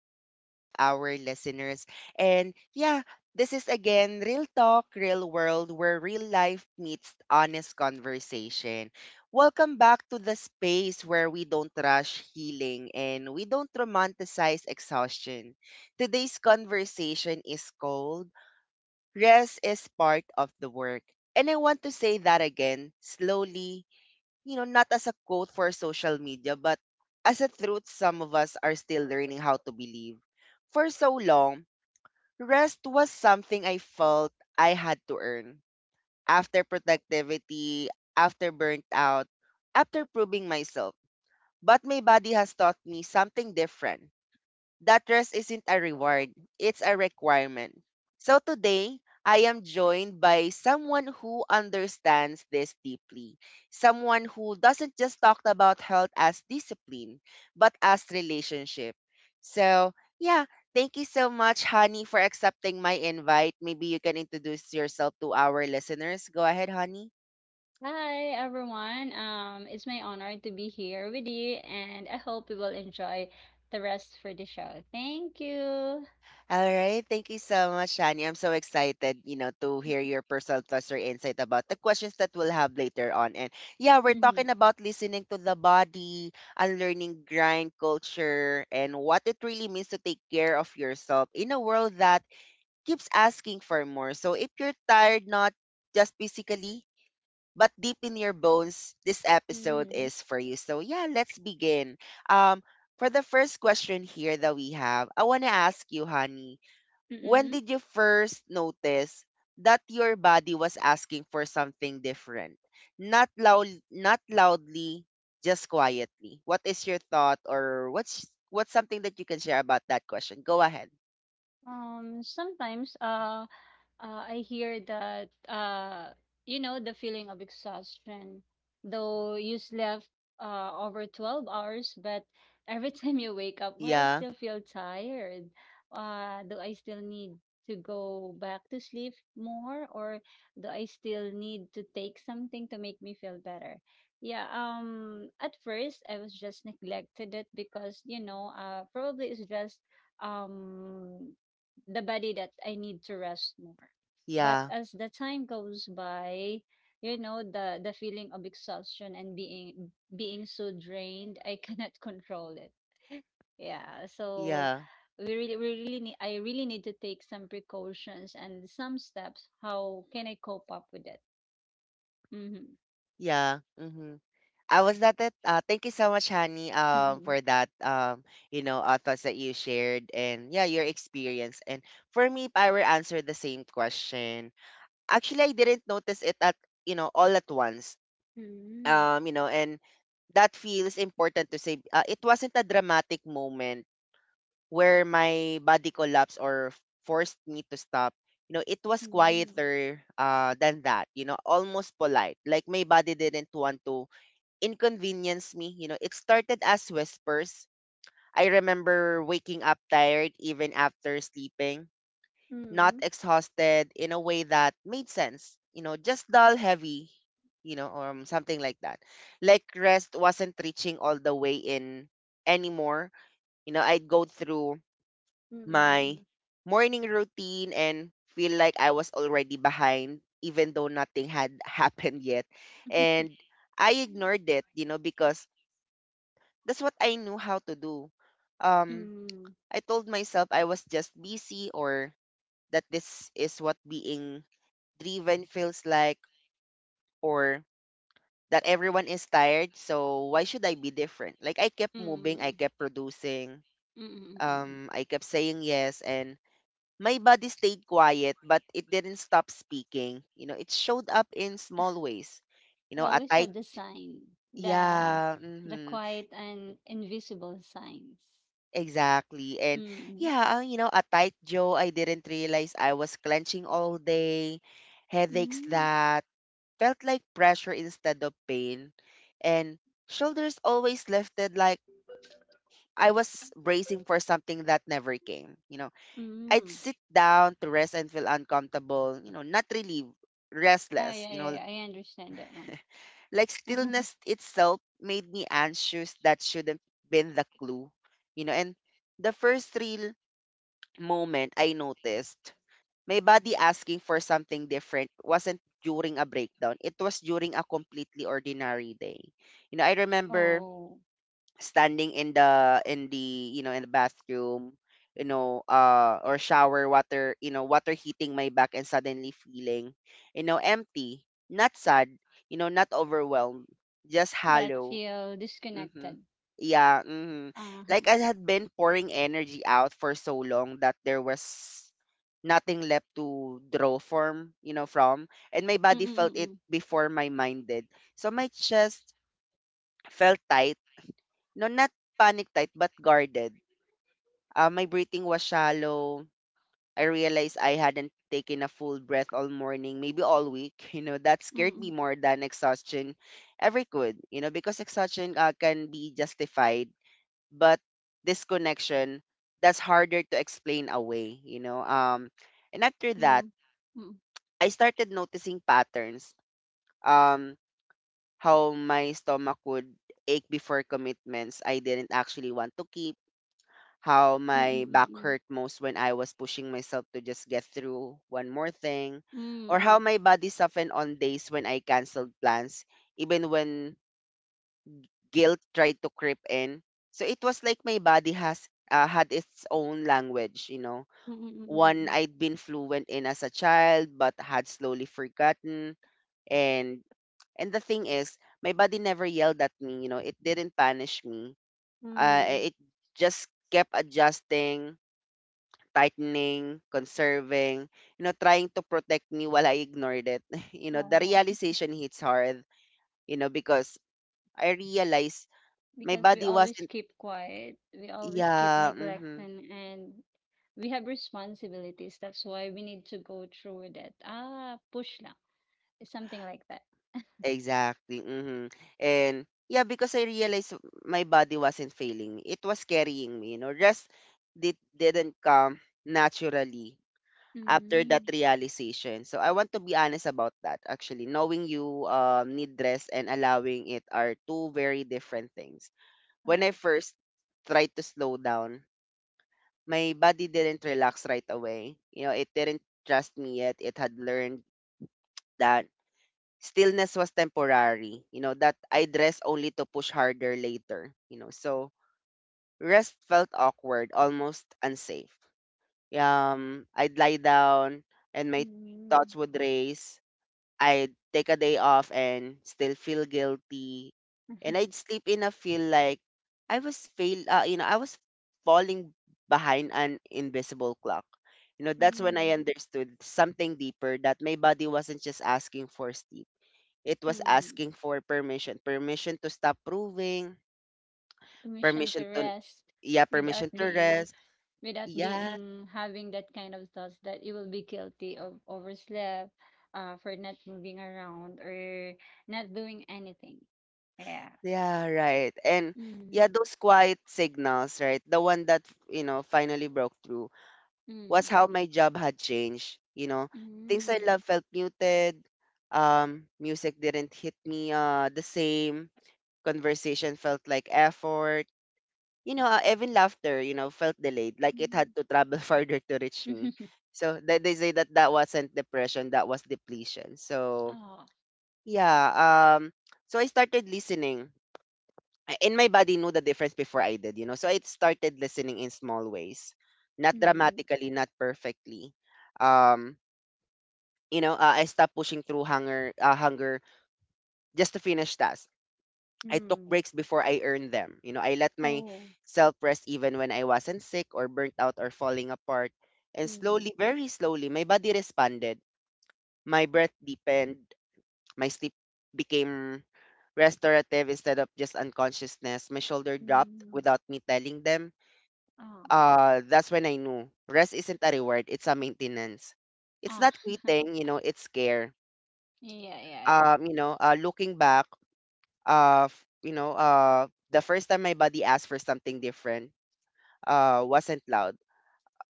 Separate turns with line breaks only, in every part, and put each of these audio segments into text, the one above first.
to all of our listeners. And yeah, this is again Real Talk, Real World, where real life meets honest conversation. Welcome back to the space where we don't rush healing and we don't romanticize exhaustion. Today's conversation is cold. Rest is part of the work. And I want to say that again slowly, not as a quote for social media, but as a truth some of us are still learning how to believe. For so long, rest was something I felt I had to earn. After productivity, after burnt out, after proving myself. But my body has taught me something different, that rest isn't a reward, it's a requirement. So today, I am joined by someone who understands this deeply. Someone who doesn't just talk about health as discipline, but as relationship. So, yeah, thank you so much, Honey, for accepting my invite. Maybe you can introduce yourself to our listeners. Go ahead, Honey.
Hi everyone. It's my honor to be here with you, and I hope you will enjoy the rest for the show. Thank you.
Alright, thank you so much, Shani. I'm so excited, to hear your personal thoughts or insight about the questions that we'll have later on. We're talking
Mm-hmm.
about listening to the body, unlearning grind culture, and what it really means to take care of yourself in a world that keeps asking for more. So if you're tired, not just physically, but deep in your bones, this episode
Mm-hmm.
is for you. So yeah, let's begin. Um, for the first question here that we have, I want to ask you, honey, when
Mm-hmm.
did you first notice that your body was asking for something different? Not loudly, just quietly. What is your thought, or what's something that you can share about that question? Go ahead.
Sometimes, I hear that, you know, the feeling of exhaustion, though you slept over 12 hours, but every time you wake up, why I
Yeah,
still feel tired? Do I still need to go back to sleep more, or do I still need to take something to make me feel better? Yeah, at first I was just neglected it because, you know, probably it's just um the body that I need to rest more. But
yeah,
as the time goes by, you know, the feeling of exhaustion and being so drained, I cannot control it. Yeah. So
yeah,
we really need I really need to take some precautions and some steps. How can I cope up with it? Mm-hmm.
yeah. Mm-hmm. I was that it. Thank you so much, Honey,
Mm-hmm.
for that, thoughts that you shared and yeah, your experience. And for me, if I were answer the same question, actually, I didn't notice it at, all at once.
Mm,
And that feels important to say. It wasn't a dramatic moment where my body collapsed or forced me to stop. You know, it was
mm,
quieter than that, you know, almost polite. Like my body didn't want to inconvenience me. You know, it started as whispers. I remember waking up tired even after sleeping, not
mm,
exhausted in a way that made sense. You know, just dull, heavy, you know, or something like that. Like rest wasn't reaching all the way in anymore. You know, I'd go through my morning routine and feel like I was already behind, even though nothing had happened yet. And I ignored it, you know, because that's what I knew how to do.
mm,
Um,
mm,
I told myself I was just busy, or that this is what being driven feels like, or that everyone is tired, so why should I be different? Like I kept moving, I
mm,
kept producing,
mm.
I kept saying yes, and my body stayed quiet but it didn't stop speaking. You know, it showed up in small ways. You
I
know, a
always
tight,
love the sign, the
yeah,
the
hmm,
quiet and invisible signs.
exactly, and
Mm.
yeah, you know, a tight jaw I didn't realize I was clenching all day, headaches
Mm.
that felt like pressure instead of pain, and shoulders always lifted like I was bracing for something that never came. You know, I'd
Mm.
sit down to rest and feel uncomfortable, you know, not relieved,
Ah,
restless,
yeah,
you
yeah,
know,
yeah. I understand that one.
like stillness itself made me anxious. That shouldn't been the clue, you know, and the first real moment I noticed my body asking for something different wasn't during a breakdown. It was during a completely ordinary day. You know, I remember
Oh,
standing in the you know, in the bathroom, you know, or shower water, you know, water heating my back, and suddenly feeling, you know, empty, not sad, you know, not overwhelmed, just
that
hollow.
feel disconnected.
Mm-hmm. Yeah, mm-hmm. Like
Uh-huh.
I had been pouring energy out for so long that there was nothing left to draw from. And my body felt it
Mm-mm-mm.
before my mind did. So my chest felt tight. No, not panic tight, but guarded. My breathing was shallow. I realized I hadn't taken a full breath all morning, maybe all week. You know, that scared me
Mm-mm.
more than exhaustion ever could. You know, because exhaustion can be justified, but disconnection, that's harder to explain away, you know. And after that,
Mm. Mm.
I started noticing patterns. Um, how my stomach would ache before commitments I didn't actually want to keep. How my back
Mm-mm-mm.
hurt most when I was pushing myself to just get through one more thing. Or how
Mm-mm.
my body softened on days when I canceled plans, even when guilt tried to creep in. So it was like my body has had its own language, you know, one
Mm-mm-mm.
I'd been fluent in as a child but had slowly forgotten. and And the thing is, my body never yelled at me, you know, it didn't punish me.
Mm.
It just kept adjusting, tightening, conserving, you know, trying to protect me while I ignored it. You know, the
Oh,
realization hits hard, you know, because I realized my
because we
body
always
wasn't,
keep quiet, we always keep
yeah, mm-hmm,
neglecting, and we have responsibilities. That's why we need to go through with it. Ah, push lang. Something like that.
exactly. Mm-hmm. And yeah, because I realized my body wasn't failing me, it was carrying me, you know. Rest didn't come naturally after that
Mm.
realization. So I want to be honest about that actually. Knowing you need rest and allowing it are two very different things. When
Oh.
I first tried to slow down, my body didn't relax right away. You know, it didn't trust me yet. It had learned that stillness was temporary, you know, that I'd rest only to push harder later, you know. So rest felt awkward, almost unsafe. I'd lie down and my
Mm.
thoughts would race. I'd take a day off and still feel guilty. And I'd sleep in a feel like I was fail you know, I was falling behind an invisible clock. You know, that's when I
Mm,
understood something deeper, that my body wasn't just asking for sleep. It was
mm.
asking for permission, permission to stop proving,
Permission to
permission to,
rest
yeah,
without
permission to
being
rest. Yeah,
having that kind of thoughts that you will be guilty of overslept, for not moving around or not doing anything. Yeah.
yeah, right. And
Mm,
yeah, those quiet signals, right? The one that, you know, finally broke through was
mm,
how my job had changed. You know, things I
mm,
love felt muted. Music didn't hit me the same. Conversation felt like effort. You know, even laughter, you know, felt delayed, like it had
mm.
to travel farther to reach me. So they say that that wasn't depression, that was depletion. So
Ah,
yeah, so I started listening, and my body knew the difference before I did, you know. So I started listening in small ways, not
mm,
dramatically, not perfectly. Um, I stopped pushing through hunger just to finish tasks. I took
mm.
breaks before I earned them. You know, I let
Oh,
myself rest even when I wasn't sick or burnt out or falling apart. And
mm,
slowly, very slowly, my body responded. My breath deepened. My sleep became restorative instead of just unconsciousness. My shoulder dropped
mm.
without me telling them.
Ah,
That's when I knew rest isn't a reward; it's a maintenance. It's
ah.
not quitting, you know. It's care.
Yeah, yeah, yeah.
Looking back, you know, the first time my body asked for something different wasn't loud.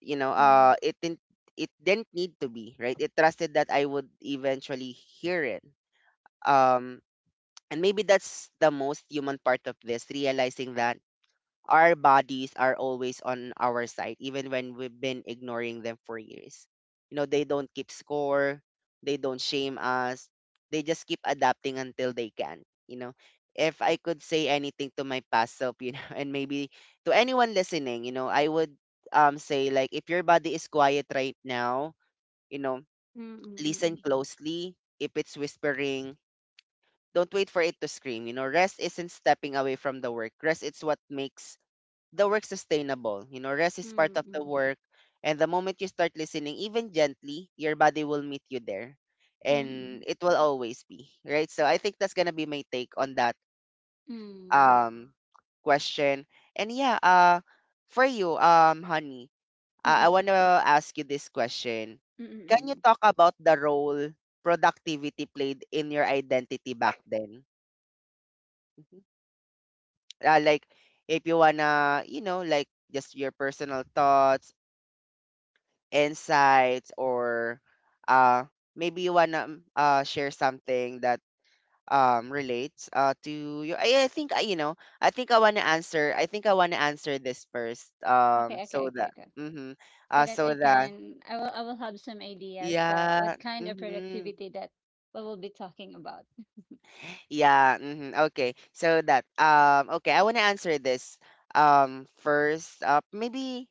You know,
Mm,
it didn't, it didn't need to be. Right, it trusted that I would eventually hear it. um and maybe that's the most human part of this, realizing that our bodies are always on our side, even when we've been ignoring them for years. You know, they don't keep score, they don't shame us, they just keep adapting until they can. You know, if I could say anything to my past self, you know, and maybe to anyone listening, you know, I would say, like, if your body is quiet right now, you know,
mm, mm, mm,
listen
mm,
closely. If it's whispering, don't wait for it to scream. You know, rest isn't stepping away from the work. Rest is what makes the work sustainable. You know, rest is part
mm,
of the
mm,
work. And the moment you start listening, even gently, your body will meet you there.
mm,
And it will always be. Right. So I think that's gonna be my take on that
mm,
um question. And yeah, for you, honey, I
Mm-mm.
wanna ask you this question.
Mm-mm.
Can you
Mm-mm.
talk about the role productivity played in your identity back then? Mhm. Like if you wanna just your personal thoughts, insights, or uh maybe you wanna share something that relates to you I think I you know I think I wanna answer I think I wanna answer this first,
Okay, okay,
so
okay,
that
good.
mm-hmm.
So
uh
that
so
I
that
can, I will, I will have some ideas that what
yeah,
kind of
mm-hmm,
productivity that we will be talking about.
yeah, mm-hmm, okay, so that okay, I wanna answer this first. Maybe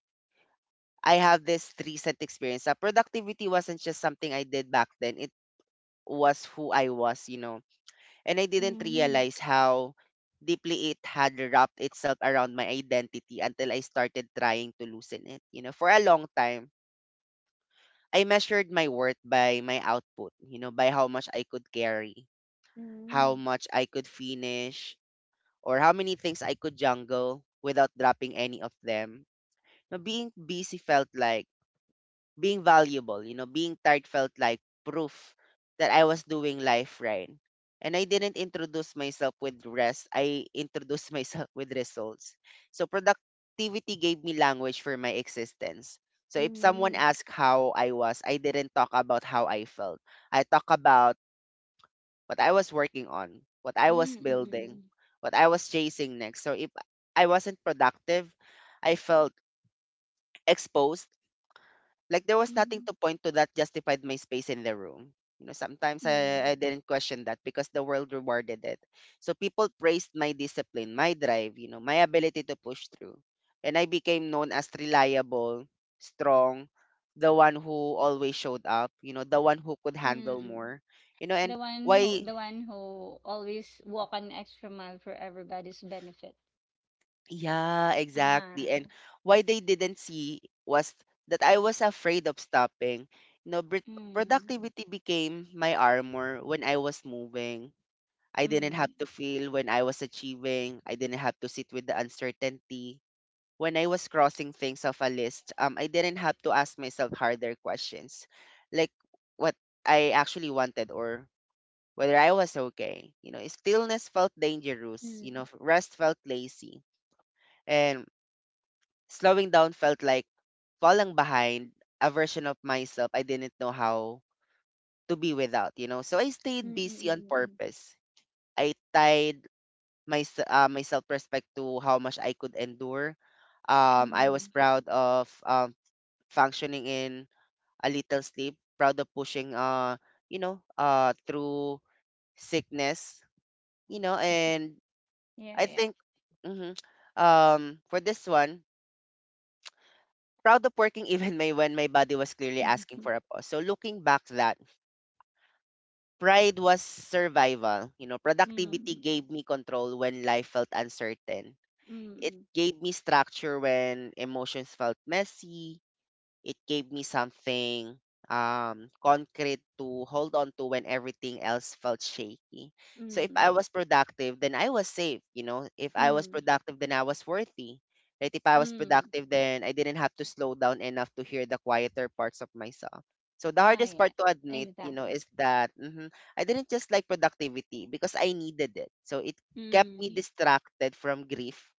I have this recent experience. Productivity wasn't just something I did back then. It was who I was, you know, and I didn't
Mm,
realize how deeply it had wrapped itself around my identity until I started trying to loosen it. You know, for a long time, I measured my worth by my output, you know, by how much I could carry,
mm,
how much I could finish, or how many things I could juggle without dropping any of them. Now, being busy felt like being valuable, you know, being tired felt like proof that I was doing life right. And I didn't introduce myself with rest. I introduced myself with results. So productivity gave me language for my existence. So if someone
mm,
asked how I was, I didn't talk about how I felt. I talk about what I was working on, what I
mm,
was
mm,
building, what I was chasing next. So if I wasn't productive, I felt exposed, like there was nothing
mm,
to point to that justified my space in the room. You know, sometimes
mm,
I didn't question that because the world rewarded it. So people praised my discipline, my drive, you know, my ability to push through. And I became known as reliable, strong, the one who always showed up, you know, the one who could handle
mm.
more. You know,
The
and
one who,
why
the one who always walk an extra mile for everybody's benefit.
Yeah,
Ah,
exactly. And why they didn't see was that I was afraid of stopping. You know,
mm,
productivity became my armor. When I was moving, I didn't
mm,
have to feel. When I was achieving, I didn't have to sit with the uncertainty. When I was crossing things off a list, I didn't have to ask myself harder questions, like what I actually wanted or whether I was okay. You know, stillness felt dangerous. You know,
mm,
rest felt lazy. And slowing down felt like falling behind, a version of myself I didn't know how to be without, you know. So I
mm,
stayed busy
mm,
on
mm, mm.
purpose. I tied my self respect to how much I could endure. I was
Mm.
proud of functioning in a little sleep, proud of pushing through sickness, you know, and
Yeah,
I
yeah.
think hmm for this one, proud of working even my when my body was clearly asking for a pause. So looking back, that pride was survival. You know, productivity
Mm,
gave me control when life felt uncertain. It
mm,
gave me structure when emotions felt messy, it gave me something concrete to hold on to when everything else felt shaky.
mm,
So if I
mm,
was productive, then I was safe, you know, if I was
Mm,
productive, then I was worthy, right, if I was
mm.
productive, then I didn't have to slow down enough to hear the quieter parts of myself. So the
Ah,
hardest part
yes,
to admit, you know,
exactly.
is that I didn't just like productivity, because I needed it. So it kept me
Mm,
distracted from grief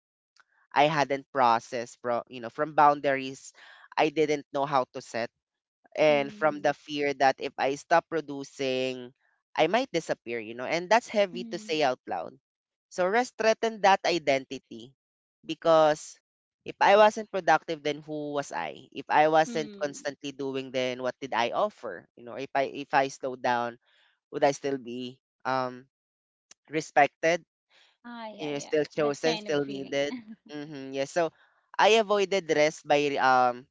I hadn't processed, from you know, from boundaries I didn't know how to set, and from the
mm,
fear that if I stop producing, I might disappear, you know, and that's heavy to
mm,
say out loud. So rest threatened that identity because if I wasn't productive, then who was I? If I wasn't
mm.
constantly doing, then what did I offer? You know, if I slowed down, would I still be um respected?
Ah, yeah,
You're
yeah,
still
yeah. That
chosen,
kind of
still
feeling.
needed. Mm-hmm. Yeah. So I avoided rest by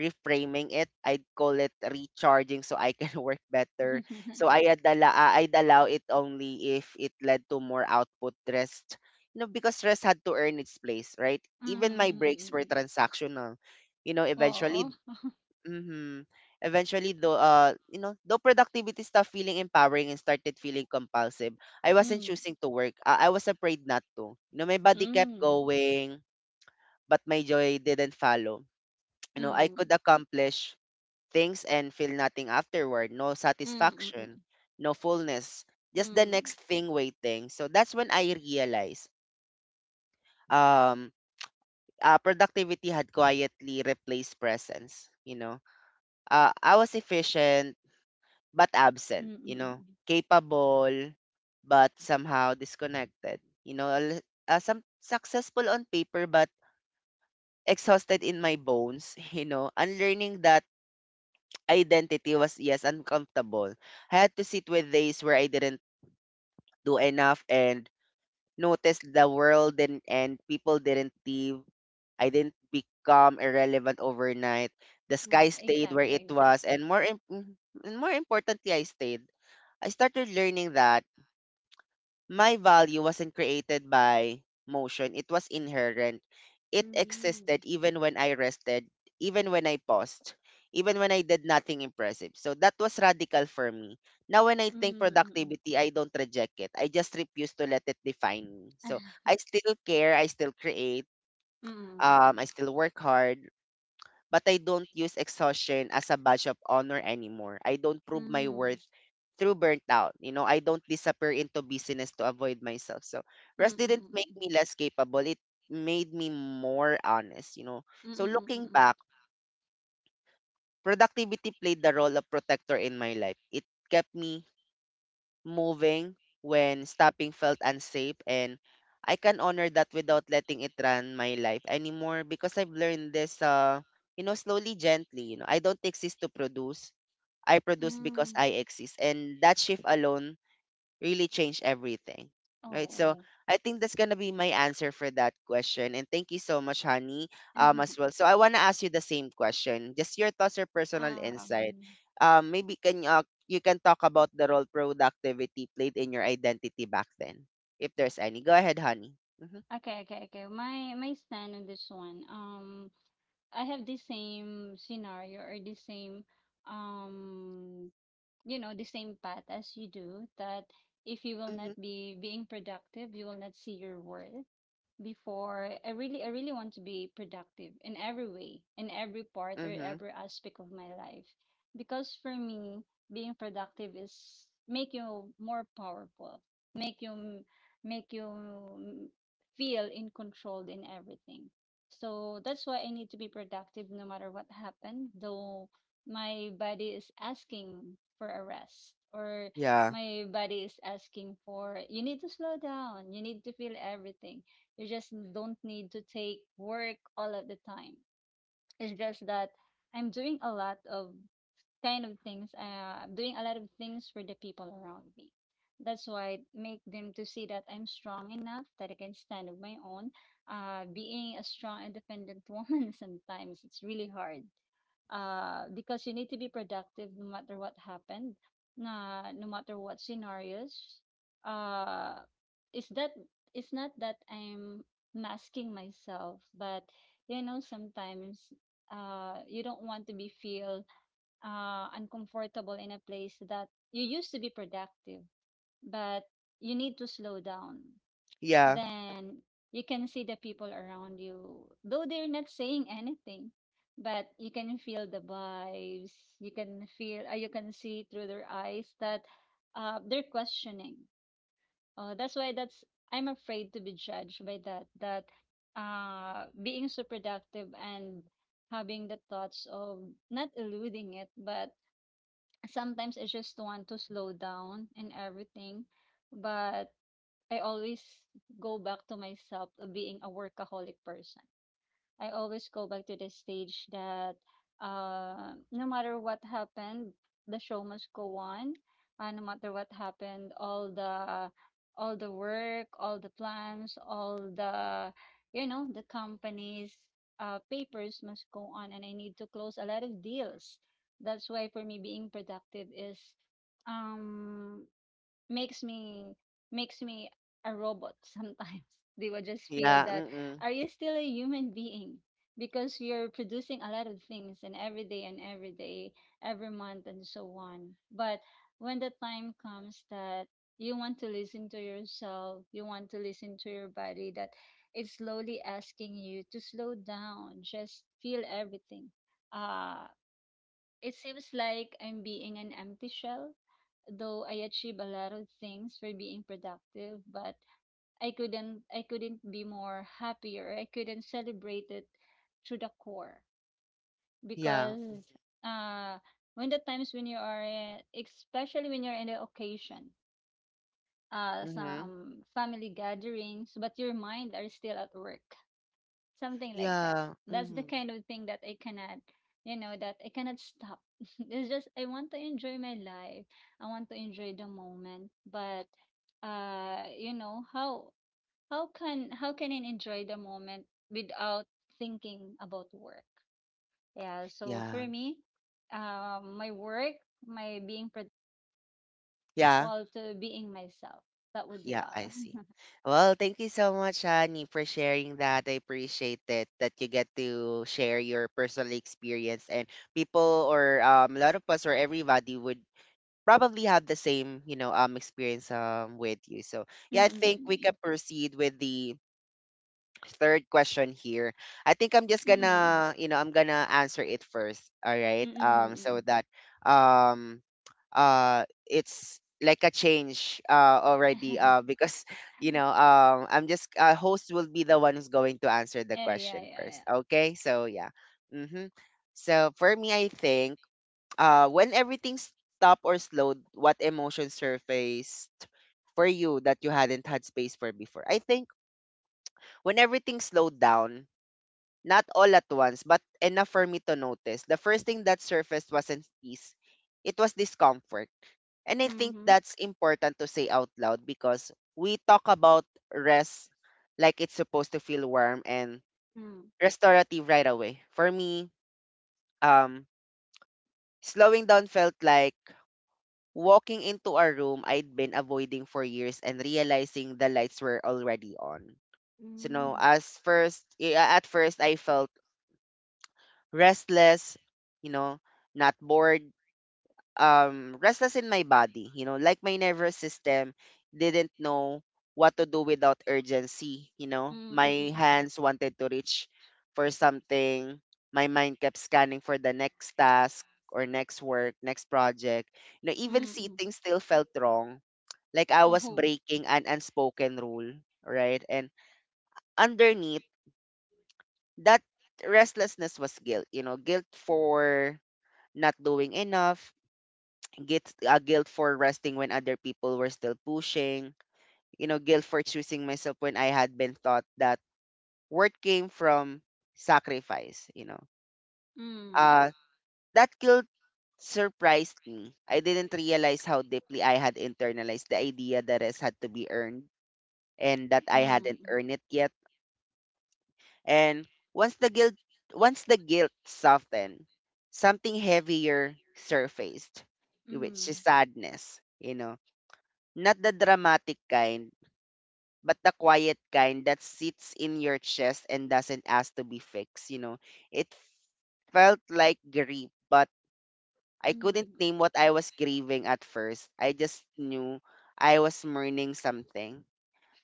reframing it. I'd call it recharging so I can work better. So I had I'd allow it only if it led to more output rest. You know, because rest had to earn its place, right? Even my breaks were
Mm,
transactional. You know, eventually
oh,
Mhm. Eventually, though, you know, though productivity stopped feeling empowering and started feeling compulsive, I wasn't
mm,
choosing to work. I was afraid not to. You know, my body kept
mm,
going, but my joy didn't follow. You know, I
mm,
could accomplish things and feel nothing afterward. No
mm, mm,
satisfaction, no fullness,
mm,
just the
mm,
next thing waiting. So that's when I realized, um, productivity had quietly replaced presence. You know, I was efficient but absent,
mm,
you
mm, mm.
know,
Mm.
capable, but somehow disconnected. You know, a some successful on paper, but exhausted in my bones, you know, unlearning that identity was, yes, uncomfortable. I had to sit with days where I didn't do enough and notice the world and, people didn't leave. I didn't become irrelevant overnight. The sky
Ah,
stayed where it
exactly,
was,
exactly.
and more importantly, I stayed. I started learning that my value wasn't created by motion, it was inherent. It
Mm,
existed even when I rested, even when I paused, even when I did nothing impressive. So that was radical for me. Now, when I think
mm, mm,
productivity, I don't reject it. I just refuse to let it define me. So I still care, I still create,
mm,
I still work hard, but I don't use exhaustion as a badge of honor anymore. I don't prove my
mm,
worth through burnout. You know, I don't disappear into busyness to avoid myself. So
mm,
rest
mm,
didn't
mm, mm,
make me
mm.
less capable. It made me more honest, you know.
Mm,
So
mm,
looking
mm,
back, productivity played the role of protector in my life. It kept me moving when stopping felt unsafe, and I can honor that without letting it run my life anymore, because I've learned this, you know, slowly, gently, you know, I don't exist to produce, I produce because
mm.
I exist, and that shift alone really change everything. Right? So
Oh.
I think that's gonna be my answer for that question. And thank you so much, honey, as well. So I wanna ask you the same question. Just your thoughts or personal insight.
Um,
Maybe can you can talk about the role productivity played in your identity back then, if there's any. Go ahead, honey. Mm-hmm.
Okay, okay, okay. My stand on this one. I have the same scenario or the same, um, you know, the same path as you do. That if you will not
Mm-hmm.
be being productive, you will not see your worth before I really want to be productive in every way, in every part or
Mm-hmm.
every aspect of my life. Because for me, being productive is make you more powerful, make you make you feel in control in everything. So that's why I need to be productive no matter what happened, though my body is asking for a rest or
Yeah.
my body is asking for you need to slow down, you need to feel everything you just don't need to take work all of the time. It's just that I'm doing a lot of kind of things. Doing a lot of things for the people around me. That's why it make them to see that I'm strong enough that I can stand on my own. Being a strong, independent woman sometimes it's really hard. Because you need to be productive no matter what happened, na no matter what scenarios. Uh, is that it's not that I'm masking myself, but you know sometimes you don't want to be feel uncomfortable in a place that you used to be productive, but you need to slow down,
Yeah.
then you can see the people around you, though they're not saying anything, but you can feel the vibes. You can feel, you can see through their eyes that they're questioning. That's why that's I'm afraid to be judged by that. That being so productive and having the thoughts of not eluding it, but sometimes I just want to slow down and everything, but I always go back to myself of being a workaholic person. I always go back to the stage that no matter what happened, the show must go on. No matter what happened, all the work, all the plans, all the you know the companies papers must go on, and I need to close a lot of deals. That's why for me being productive is um makes me makes me a robot sometimes. They will just feel
Yeah.
that
Mm-mm.
are you still a human being? Because you're producing a lot of things and every day, every month and so on. But when the time comes that you want to listen to yourself, you want to listen to your body that it's slowly asking you to slow down, just feel everything. Uh it seems like I'm being an empty shell, though I achieved a lot of things for being productive, but I couldn't be more happier. I couldn't celebrate it to the core
Yeah.
because uh when the times when you are in, especially when you're in the occasion,
Mm-hmm.
some family gatherings, but your mind are still at work something like that.
Yeah.
That's the
Mm-hmm.
kind of thing that I cannot, you know, that I cannot stop. It's just I want to enjoy my life. I want to enjoy the moment, but you know, how can I enjoy the moment without thinking about work? Yeah, so for
Yeah.
me, my work, my being productive
Yeah.
equal to being myself. That would be
Yeah, I
all.
see. Well, thank you so much, Honey, for sharing that. I appreciate it that you get to share your personal experience, and people, or a lot of us, or everybody would probably have the same, you know, experience with you. So yeah, I think we
Mm-mm-mm.
can proceed with the third question here. I think I'm just
Mm-mm.
gonna, you know, I'm gonna answer it first. All right.
Mm-mm.
So that um it's like a change already because you know I'm just host will be the one who's going to answer the
Yeah, yeah, yeah,
question first,
yeah.
okay, so yeah, mm-hmm. So for me, I think when everything stopped or slowed, what emotion surfaced for you that you hadn't had space for before? I think when everything slowed down, not all at once, but enough for me to notice, the first thing that surfaced wasn't peace, it was discomfort. And I think
Mm-hmm.
that's important to say out loud because we talk about rest like it's supposed to feel warm and
Mm.
restorative right away. For me, um, slowing down felt like walking into a room I'd been avoiding for years and realizing the lights were already on. So no,
Mm.
as first yeah, at first I felt restless, you know, not bored, restless in my body, you know, like my nervous system didn't know what to do without urgency, you know.
Mm, mm,
My
mm.
hands wanted to reach for something, my mind kept scanning for the next task or next work, next project. You know, even
Mm, mm.
sitting still felt wrong, like I was
Oh.
breaking an unspoken rule, right? And underneath that restlessness was guilt, you know, guilt for not doing enough, get guilt for resting when other people were still pushing, you know, guilt for choosing myself when I had been taught that worth came from sacrifice, you know.
Mm.
Uh that guilt surprised me. I didn't realize how deeply I had internalized the idea that rest had to be earned and that I hadn't
Mm.
earned it yet. And once the guilt once the guilt softened, something heavier surfaced, which is
Mm.
sadness, you know. Not the dramatic kind, but the quiet kind that sits in your chest and doesn't ask to be fixed, you know. It felt like grief, but I couldn't
Mm.
name what I was grieving at first. I just knew I was mourning something,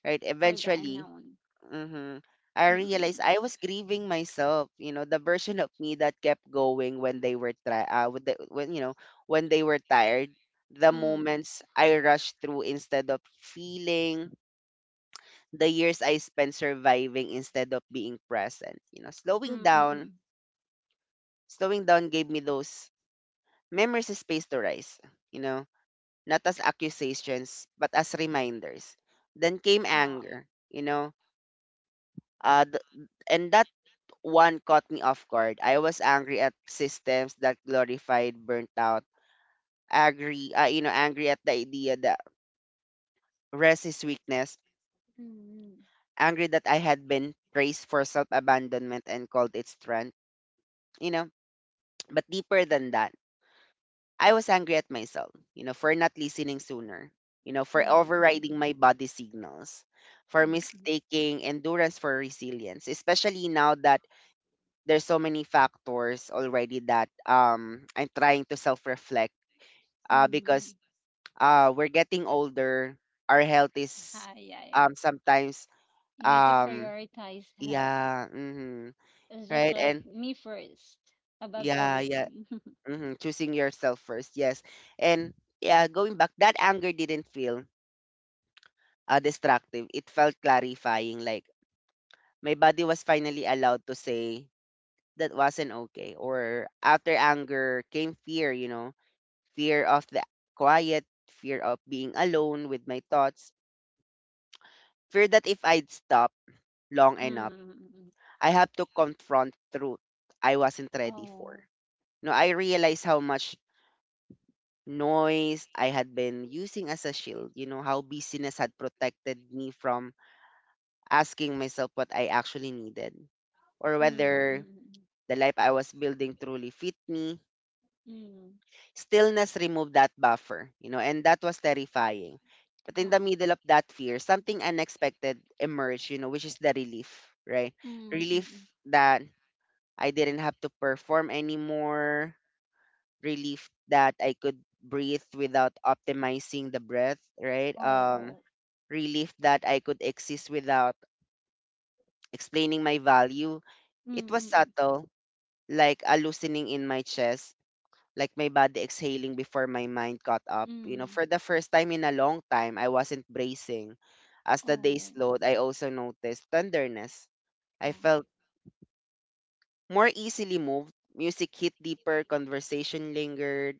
right?
For the
Eventually,
unknown.
hmm I
Mm.
realized I was grieving myself, you know, the version of me that kept going when they were try with the, when you know, when they were tired, the
Mm.
moments I rushed through instead of feeling, the years I spent surviving instead of being present. You know,
Mm.
slowing
Mm. Mm, mm.
down, slowing down gave me those memories a space to rise, you know, not as accusations, but as reminders. Then came
Ah.
anger, uh, th- and that one caught me off guard. I was angry at systems that glorified burnt out, angry, angry at the idea that rest is weakness,
Mm.
angry that I had been praised for self abandonment and called it strength. You know, But deeper than that, I was angry at myself, for not listening sooner, for
Mm. Mm.
overriding my body signals, for
Mm. Mm. Mm.
mistaking endurance for resilience, especially now that there's so many factors already that I'm trying to self-reflect because
Mm.
we're getting older, our health is
Ah, yeah, yeah.
sometimes.
You need to
um
prioritize health.
yeah. Mhm.
It's just
Right?
like
And
me first, above
yeah, yeah.
everything.
Choosing yourself first. Yes. And yeah, going back, that anger didn't feel destructive, it felt clarifying, like my body was finally allowed to say that wasn't okay. Or, after anger came fear, fear of the quiet, fear of being alone with my thoughts, fear that if I'd stop long enough,
Mm.
I have to confront truth I wasn't ready for.
Oh.
No, I realized how much noise I had been using as a shield, how busyness had protected me from asking myself what I actually needed or whether
Mm-mm-mm.
the life I was building truly fit me.
Mm. Mm, mm.
Stillness removed that buffer, and that was terrifying. But in the
Ah.
middle of that fear, something unexpected emerged, which is the relief, right? Relief
Mm-mm.
that I didn't have to perform anymore. Relief that I could breathe without optimizing the breath, right?
Oh. Oh.
Relief that I could exist without explaining my value. It was
Mm-mm.
subtle, like a loosening in my chest, like my body exhaling before my mind caught up.
Mm. Mm.
You know,
Mm.
for the first time in a long time, I wasn't bracing. As the day
Oh.
slowed, I also noticed tenderness. I
Ah.
felt more easily moved. Music hit deeper, conversation lingered.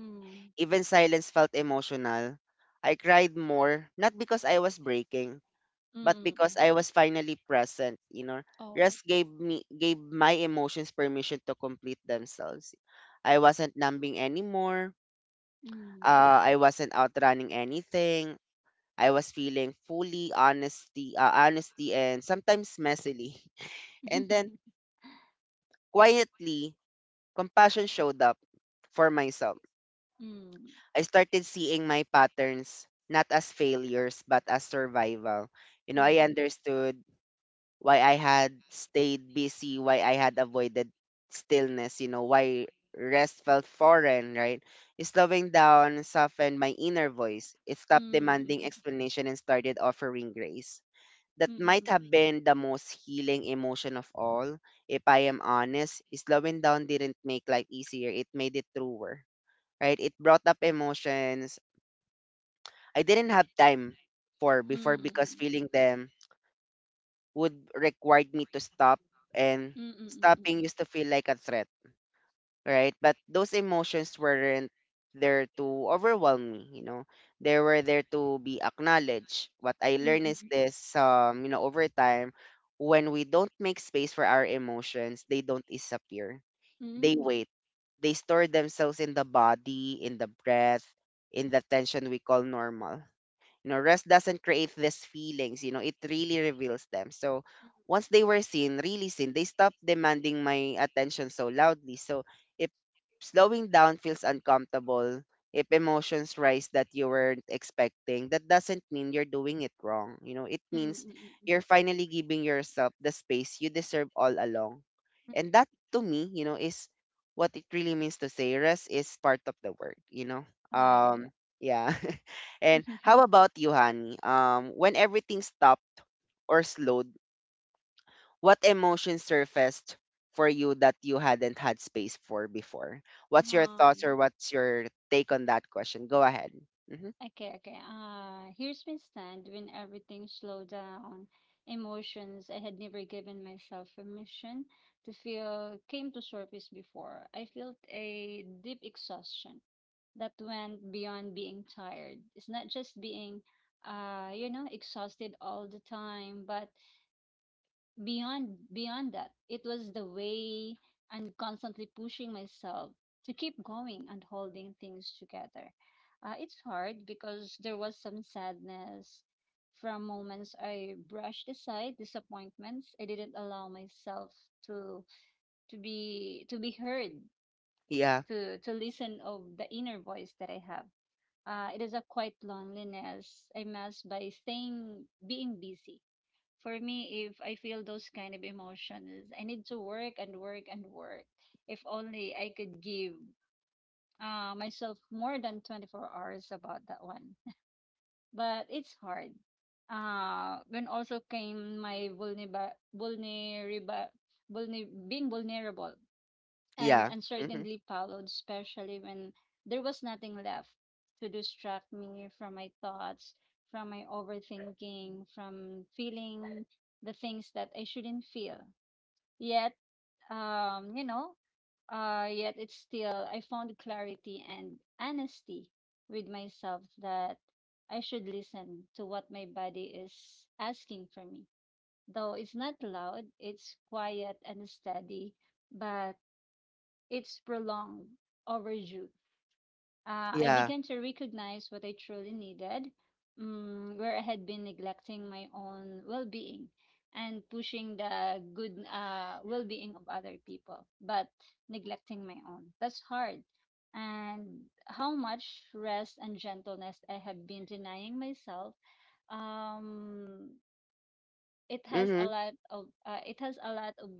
Mm.
Even silence felt emotional. I cried more, not because I was breaking, but because
Mm-mm.
I was finally present.
Oh.
Rest gave my emotions permission to complete themselves. I wasn't numbing anymore.
Mm.
I wasn't outrunning anything. I was feeling fully honesty and sometimes messily. And then quietly, compassion showed up for myself.
Mm.
I started seeing my patterns not as failures but as survival. I
Mm.
understood why I had stayed busy, why I had avoided stillness, why rest felt foreign, right? Slowing down softened my inner voice. It stopped
Mm. Mm.
demanding
Mm.
explanation and started offering grace. That
Mm.
might
Mm.
have been the most healing emotion of all. If I am honest, slowing down didn't make life easier, it made it truer, right? It brought up emotions I didn't have time for before
Mm, mm,
because
mm.
feeling them would required me to stop and
Mm, mm,
stopping
mm,
used to feel like a threat, right? But those emotions weren't there to overwhelm me. They were there to be acknowledged. What I
mm,
learned is
mm.
this, over time, when we don't make space for our emotions, they don't disappear.
Mm, mm,
They
mm.
wait. They store themselves in the body, in the breath, in the tension we call normal. Rest doesn't create these feelings, it really reveals them. So once they were seen, really seen, they stopped demanding my attention so loudly. So if slowing down feels uncomfortable, if emotions rise that you weren't expecting, that doesn't mean you're doing it wrong. It
Mm, mm,
means
mm, mm, mm,
you're finally giving yourself the space you deserve all along.
mm.
And that to me, is what it really means to say rest is part of the work, you know?
Ah, yeah, yeah.
Um yeah. And
Mhm.
how about you, Honey? When everything stopped or slowed, what emotion surfaced for you that you hadn't had space for before? What's your thoughts or
Um,
what's your take on that question? Go ahead. Hmm.
okay, okay. Here's my stand when everything slowed down. Emotions I had never given myself permission to feel came to surface before. I felt a deep exhaustion that went beyond being tired. It's not just being you know exhausted all the time but beyond that it was the way I'm constantly pushing myself to keep going and holding things together it's hard because there was some sadness from moments I brushed aside disappointments I didn't allow myself to to be heard
Yeah,
to listen of the inner voice that I have. It is a quiet loneliness I mask by staying being busy. For me, if I feel those kind of emotions, I need to work and work and work. If only I could give myself more than 24 hours about that one. But it's hard. When also came my being vulnerable and
yeah. Hmm,
uncertainty followed, especially when there was nothing left to distract me from my thoughts, from my overthinking, from feeling the things that I shouldn't feel. Yet, you know, yet it's still, I found clarity and honesty with myself that I should listen to what my body is asking for me. Though it's not loud, it's quiet and steady, but it's prolonged, overdue. I
yeah.
began to recognize what I truly needed, mm, where I had been neglecting my own well being and pushing the good well being of other people, but neglecting my own. That's hard. And how much rest and gentleness I have been denying myself. Um, it has
Hmm,
a lot of uh, it has a lot of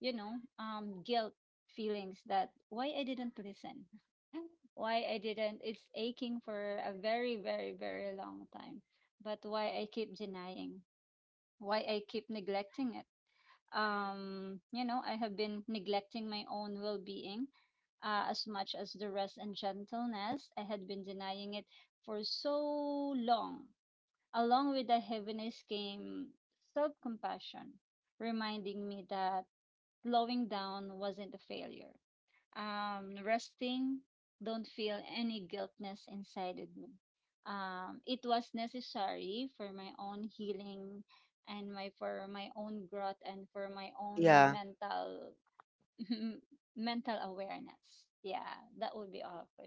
you know guilt feelings that why I didn't listen why I didn't it's aching for a very very very long time but why I keep denying why I keep neglecting it you know I have been neglecting my own well-being as much as the rest and gentleness I had been denying it for so long. Along with the heaviness came self compassion, reminding me that slowing down wasn't a failure. Resting don't feel any guiltness inside of me. It was necessary for my own healing and my for my own growth and for my own
yeah,
mental mental awareness. Yeah, that would be all for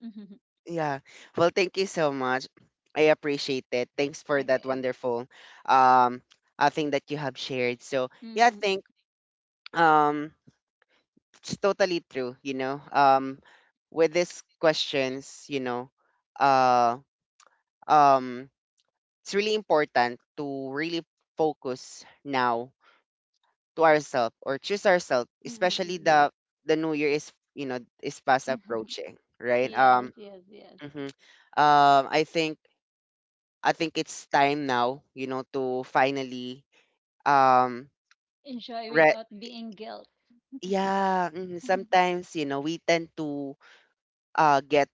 me.
yeah. Well, thank you so much. I appreciate it. Thanks for that
Okay.
wonderful um thing that you have shared. So yeah, I
Mm-mm-mm.
think um it's totally true, with these questions, uh um it's really important to really focus now to ourselves or choose ourselves, especially
Mm-mm-mm.
the new year is is fast approaching, right?
Yes,
um
yes, yes.
mhm. um i think I think it's time now, to finally um
Enjoy
re-
without being guilt.
yeah, mhm, sometimes we tend to get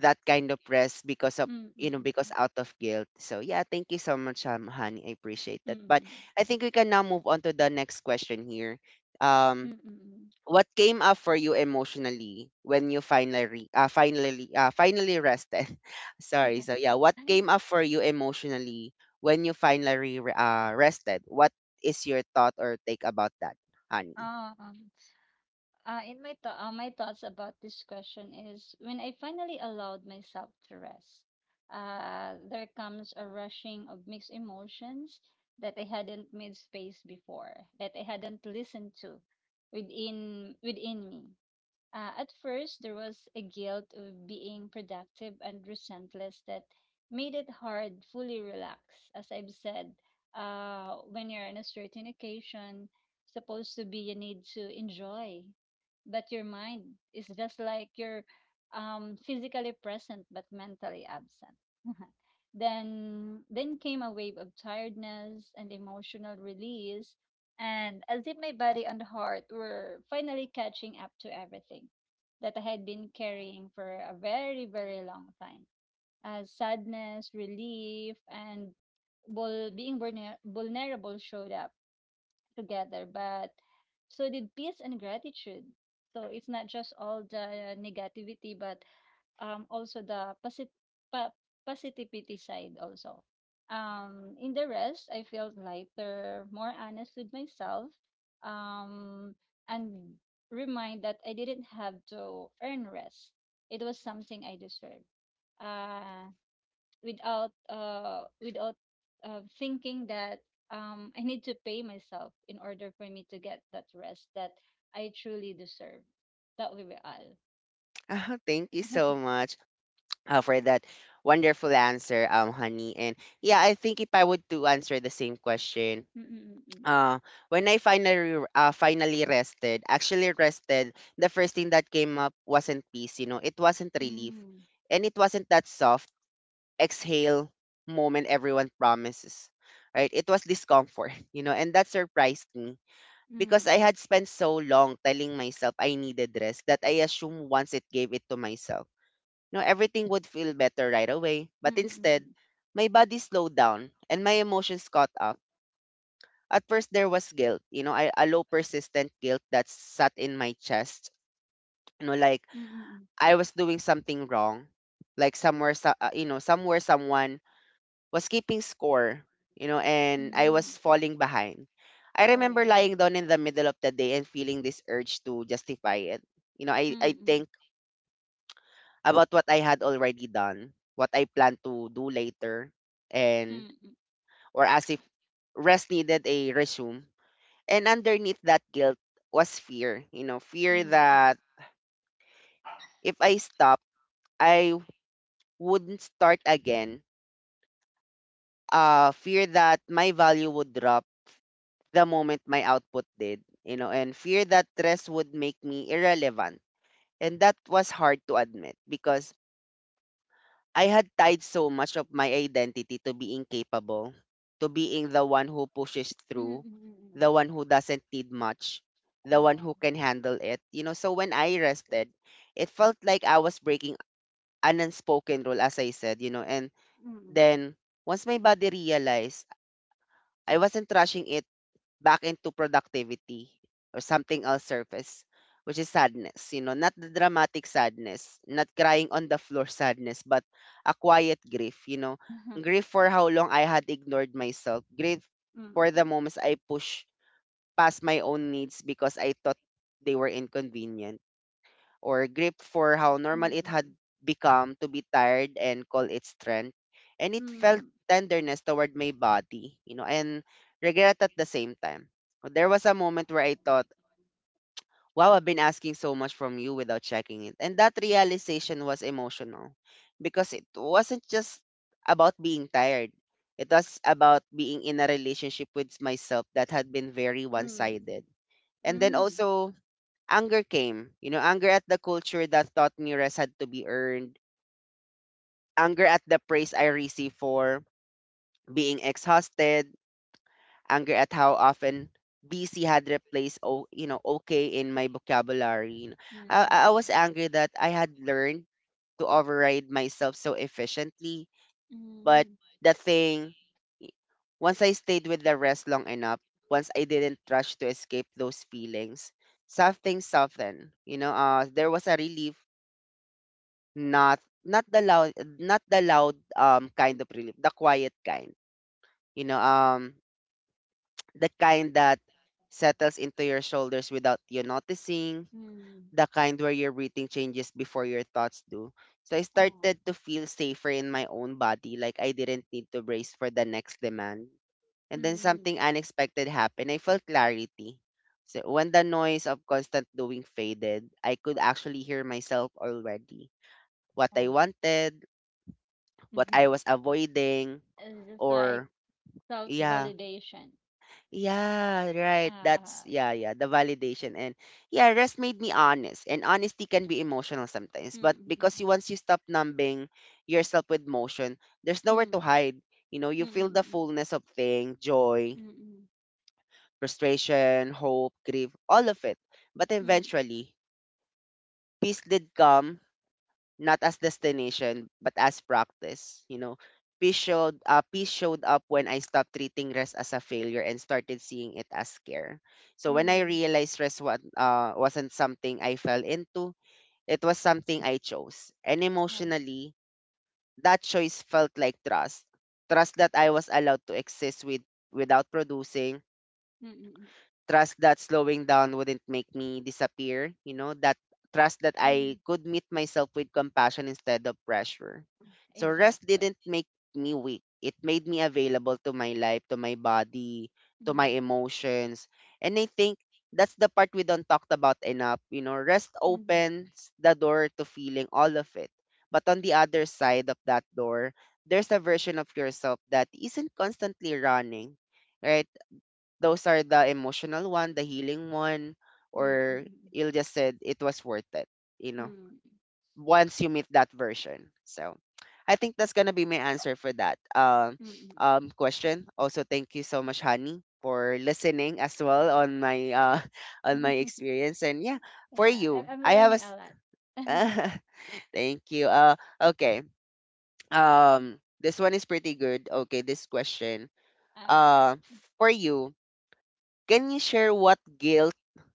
that kind of rest because of you know because
Mhm.
out of guilt, so yeah, thank you so much, honey, I appreciate
Mm,
that,
mm,
but
mm,
I think we can now move on to the next question here
mm,
um
mm, mm,
what came up for you emotionally when you finally finally rested?
mm.
Sorry,
Mm.
so yeah, what came up for you emotionally when you finally rested? What is your thought or take about that, honey?
Um, in my my thoughts about this question is when I finally allowed myself to rest, there comes a rushing of mixed emotions that I hadn't made space before, that I hadn't listened to within me. At first, there was a guilt of being productive and resentless that made it hard fully relax. As I've said, when you're in a certain occasion, supposed to be you need to enjoy, but your mind is just like you're physically present but mentally absent. Then came a wave of tiredness and emotional release, and as if my body and heart were finally catching up to everything that I had been carrying for a very, very long time. As sadness, relief, and vulnerable showed up together, but so did peace and gratitude. So it's not just all the negativity, but also the pa- positivity side also. In the rest, I felt lighter, more honest with myself, um, and remind that I didn't have to earn rest. It was something I deserved. Uh, without thinking that I need to pay myself in order for me to get that rest that I truly deserve. That will be all.
Ah, thank you so much for that wonderful answer, honey. And yeah, I think if I would to answer the same question, uh, when I finally rested, actually rested, the first thing that came up wasn't peace. It wasn't relief,
Ừm,
and it wasn't that soft exhale moment everyone promises. Right? It was discomfort. And that surprised me because I
ừm,
had spent so long telling myself I needed rest that I assumed once it gave it to myself, everything would feel better right away.
ừm,
But
ừm, ừm,
instead,
ừm,
my body slowed down and my emotions caught up. At first, there was guilt, a low persistent guilt that sat in my chest. Like
ừm, ừm, ừm, ừm.
I was doing something wrong, like somewhere, somewhere someone was keeping score, and I was falling behind. I
Ồ,
remember lying down in the middle of the day and feeling this urge to justify it. You know, I,
ừm,
I
ừm,
think about what I had already done, what I plan to do later, and
ừm,
or as if rest needed a resume. And underneath that guilt was fear, fear
ừm,
that if I stopped, I wouldn't start again. Fear that my value would drop the moment my output did, and fear that stress would make me irrelevant. And that was hard to admit because I had tied so much of my identity to being capable, to being the one who pushes
ừm,
through,
ừm, ừm, ừm,
the one who doesn't need much,
ừm.
the one
Ờ.
who can handle it. So when I rested, it felt like I was breaking an unspoken rule, as I said, and
Ừm, ừm.
then once my body realized I wasn't rushing it back into productivity or something else surface, which is sadness. Not the dramatic sadness, not crying on the floor sadness, but a quiet grief. Grief for how long I had ignored myself. Grief for the
Ừm,
moments I pushed past my own needs because I thought they were inconvenient or grip for how normal it had
ừm,
become to be tired and call it strength. And it felt
ừm,
tenderness toward my body, and regret at the same time. There was a moment where I thought, wow, I've been asking so much from you without checking it. And that realization was emotional because it wasn't just about being tired. It was about being in a relationship with myself that had been very one
ừm,
sided. And then
ừm, ừm.
also anger came. Anger at the culture that thought me rest had to be earned, anger at the praise I received for being exhausted, anger at how often busy had replaced oh, you know okay in my vocabulary. I was angry that I had learned to override myself so efficiently, but
Ừm.
the thing i- once I stayed with the rest long enough, once I didn't rush to escape those feelings, something softened. There was a relief. Not not the loud not the loud kind of relief, the quiet kind. You know, um the kind that settles into your shoulders without you noticing,
Ừm, ừm,
the kind where your breathing changes before your thoughts do. So I started to feel safer in my own body, like I didn't need to brace for the next demand. And then something unexpected happened. I felt clarity. So when the noise of constant doing faded, I could actually hear myself already, what I wanted, what I was avoiding,
it's just
or
like
yeah,
self-validation.
yeah right that's
Uh,
yeah yeah the validation. And yeah, rest made me honest, and honesty can be emotional sometimes,
mm,
but
mm,
because you once you stop numbing yourself with motion, there's nowhere to
mm.
hide. You know, you
Mm,
feel the
mm,
fullness of thing: joy,
mm,
frustration, hope, grief, all of it. But
mm,
eventually peace did come, not as destination but as practice. You know, peace showed up when I stopped treating rest as a failure and started seeing it as care. So when I
mm,
realized rest wasn't something I fell into, it was something I chose. And
oh,
emotionally, that choice felt like trust. Trust that I was allowed to exist without producing,
mm, mm, mm, mm,
trust that slowing down wouldn't make me disappear, you know, that trust that
mm,
I
mm,
could meet myself with compassion instead of pressure. So rest
exactly.
didn't make me weak. It made me available to my life, to my body, to my
Mm,
emotions. And I think that's the part we don't talk about enough. You know, rest
mm,
opens the door to feeling all of it. But on the other side of that door, there's a version of yourself that isn't constantly running, right? Those are the emotional one, the healing one,
mm,
or
mm,
you'll just said it was worth it, you know,
mm,
once you meet that version. So I think that's gonna be my answer for that
mm,
question. Also, thank you so much, Honey, for listening as well on my on my
mm.
experience. And yeah, for
Yeah,
you,
I'm
I have a
learning a
s-
lot.
thank you. Okay. This one is pretty good. Okay, this question.
All right.
Uh, for you, can you share what guilt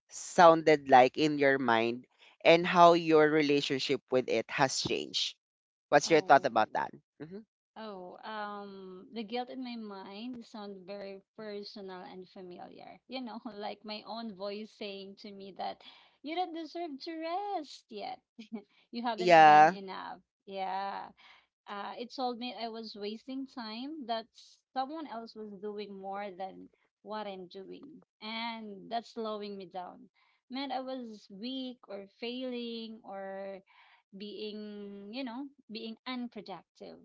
sounded like in your mind and how your relationship with it has changed? What's your thought
Oh,
about that? Hmm.
oh, the guilt in my mind sound very personal and familiar. You know, like my own voice saying to me that you don't deserve to rest yet. You haven't done
Yeah,
enough. Yeah. It told me I was wasting time, that someone else was doing more than what I'm doing, and that's slowing me down. Meant I was weak or failing or being, you know, being unproductive.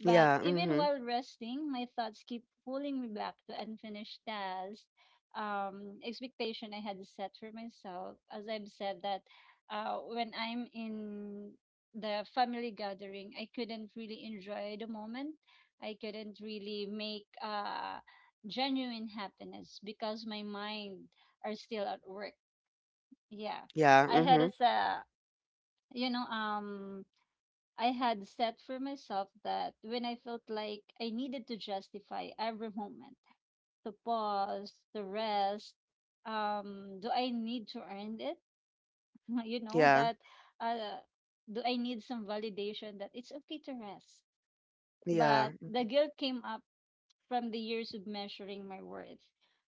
But
yeah,
even
mm-hmm.
while resting, my thoughts keep pulling me back to unfinished tasks, expectation I had set for myself. As I've said that when I'm in the family gathering, I couldn't really enjoy the moment. I couldn't really make genuine happiness because my mind are still at work. Yeah,
Yeah,
I had
mm-hmm.
as a you know I had set for myself that when I felt like I needed to justify every moment, to pause, to rest, do I need to earn it?
Yeah,
That uh, do I need some validation that it's okay to rest?
yeah,
But the guilt came up from the years of measuring my worth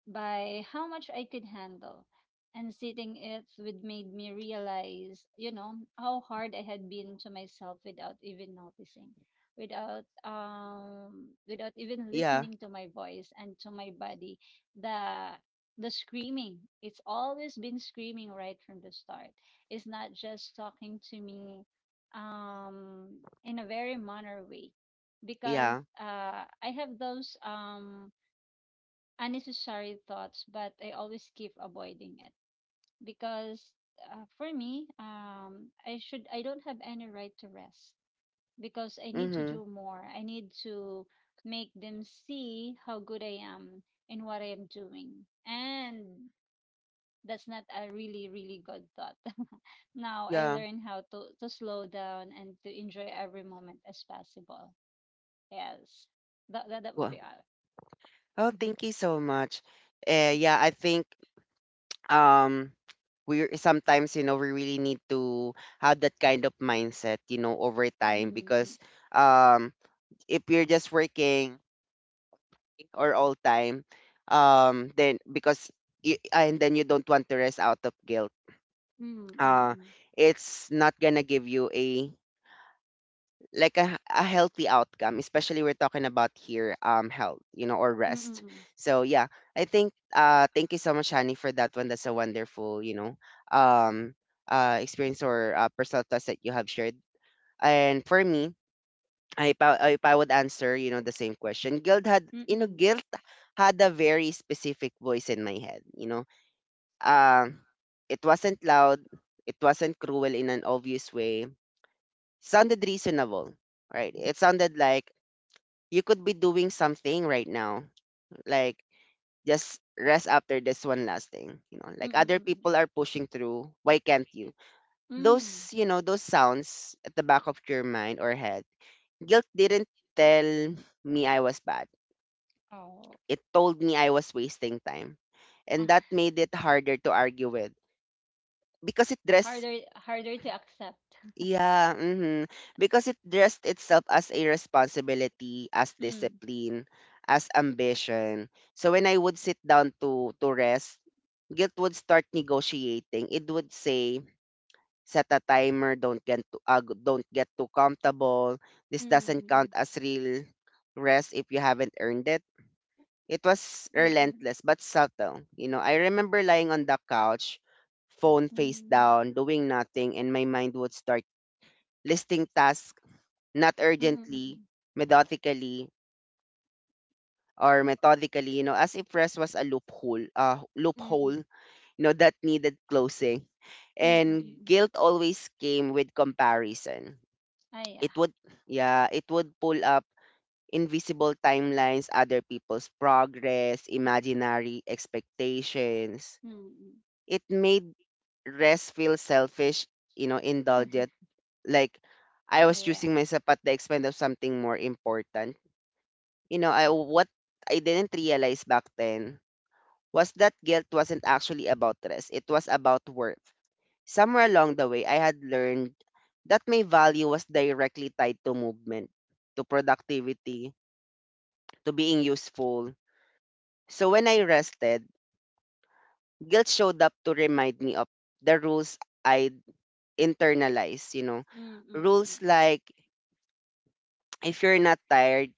by how much I could handle. And sitting it would made me realize, how hard I had been to myself without even noticing, without even
yeah,
listening to my voice and to my body. The the screaming. It's always been screaming right from the start. It's not just talking to me um in a very manner way because
yeah,
I have those unnecessary thoughts, but I always keep avoiding it because for me, I don't have any right to rest because I need to
mm-hmm.
do more. I need to make them see how good I am in what I am doing, and that's not a really really good thought. Now I
Yeah.
learn how to slow down and to enjoy every moment as possible. Yes, that would
Well,
be all.
oh,
Mhm.
thank you so much. Yeah, I think um, we sometimes, you know, we really need to have that kind of mindset, you know, over time,
Mm, mm,
because um if you're just working or all time, then because you, and then you don't want to rest out of guilt.
mm,
uh
mm,
it's not gonna give you a a healthy outcome, especially we're talking about here, um, health, you know, or rest.
mm,
So yeah, I think, uh, thank you so much, honey, for that one. That's a wonderful, you know, um, uh, experience or, personal thoughts that you have shared. And for me, if I would answer, you know, the same question,
mm, mm, mm,
guilt had a very specific voice in my head, you know. Um, it wasn't loud, it wasn't cruel in an obvious way. Sounded reasonable, right? It sounded like you could be doing something right now, like just rest after this one last thing, you know.
mm,
Like other people
mm,
are pushing through, why can't you?
mm.
Those, you know, those sounds at the back of your mind or head. Guilt didn't tell me I was bad.
Oh,
It told me I was wasting time.
ah,
And that made it harder to argue with, because it dressed,
harder, harder to accept.
yeah, hmm, because it dressed itself as a responsibility, as
Mm,
discipline, as ambition. So when I would sit down to rest, guilt would start negotiating. It would say set a timer, don't get too comfortable. This
mm,
doesn't count
mm,
as real rest if you haven't earned it. It was
mm,
relentless but subtle. You know, I remember lying on the couch, phone face
mm,
down, doing nothing, and my mind would start listing tasks, not
mm,
urgently,
mm,
methodically, methodically, you know, as if rest was a
mm, mm,
loophole,
mm,
you know, that needed closing.
mm, mm, mm,
And
mm.
guilt always came with comparison.
Ah, yeah.
It would, yeah, it would pull up invisible timelines, other people's progress, imaginary expectations.
Mm, mm.
It made rest feel selfish, you know, indulgent. Like I was
Yeah.
choosing myself at the expense of something more important. You know, I didn't realize back then was that guilt wasn't actually about rest. It was about worth. Somewhere along the way, I had learned that my value was directly tied to movement, to productivity, to being useful. So when I rested, guilt showed up to remind me of the rules I internalize, you know.
Mm, mm, mm,
Rules
mm, mm.
like, if you're not tired,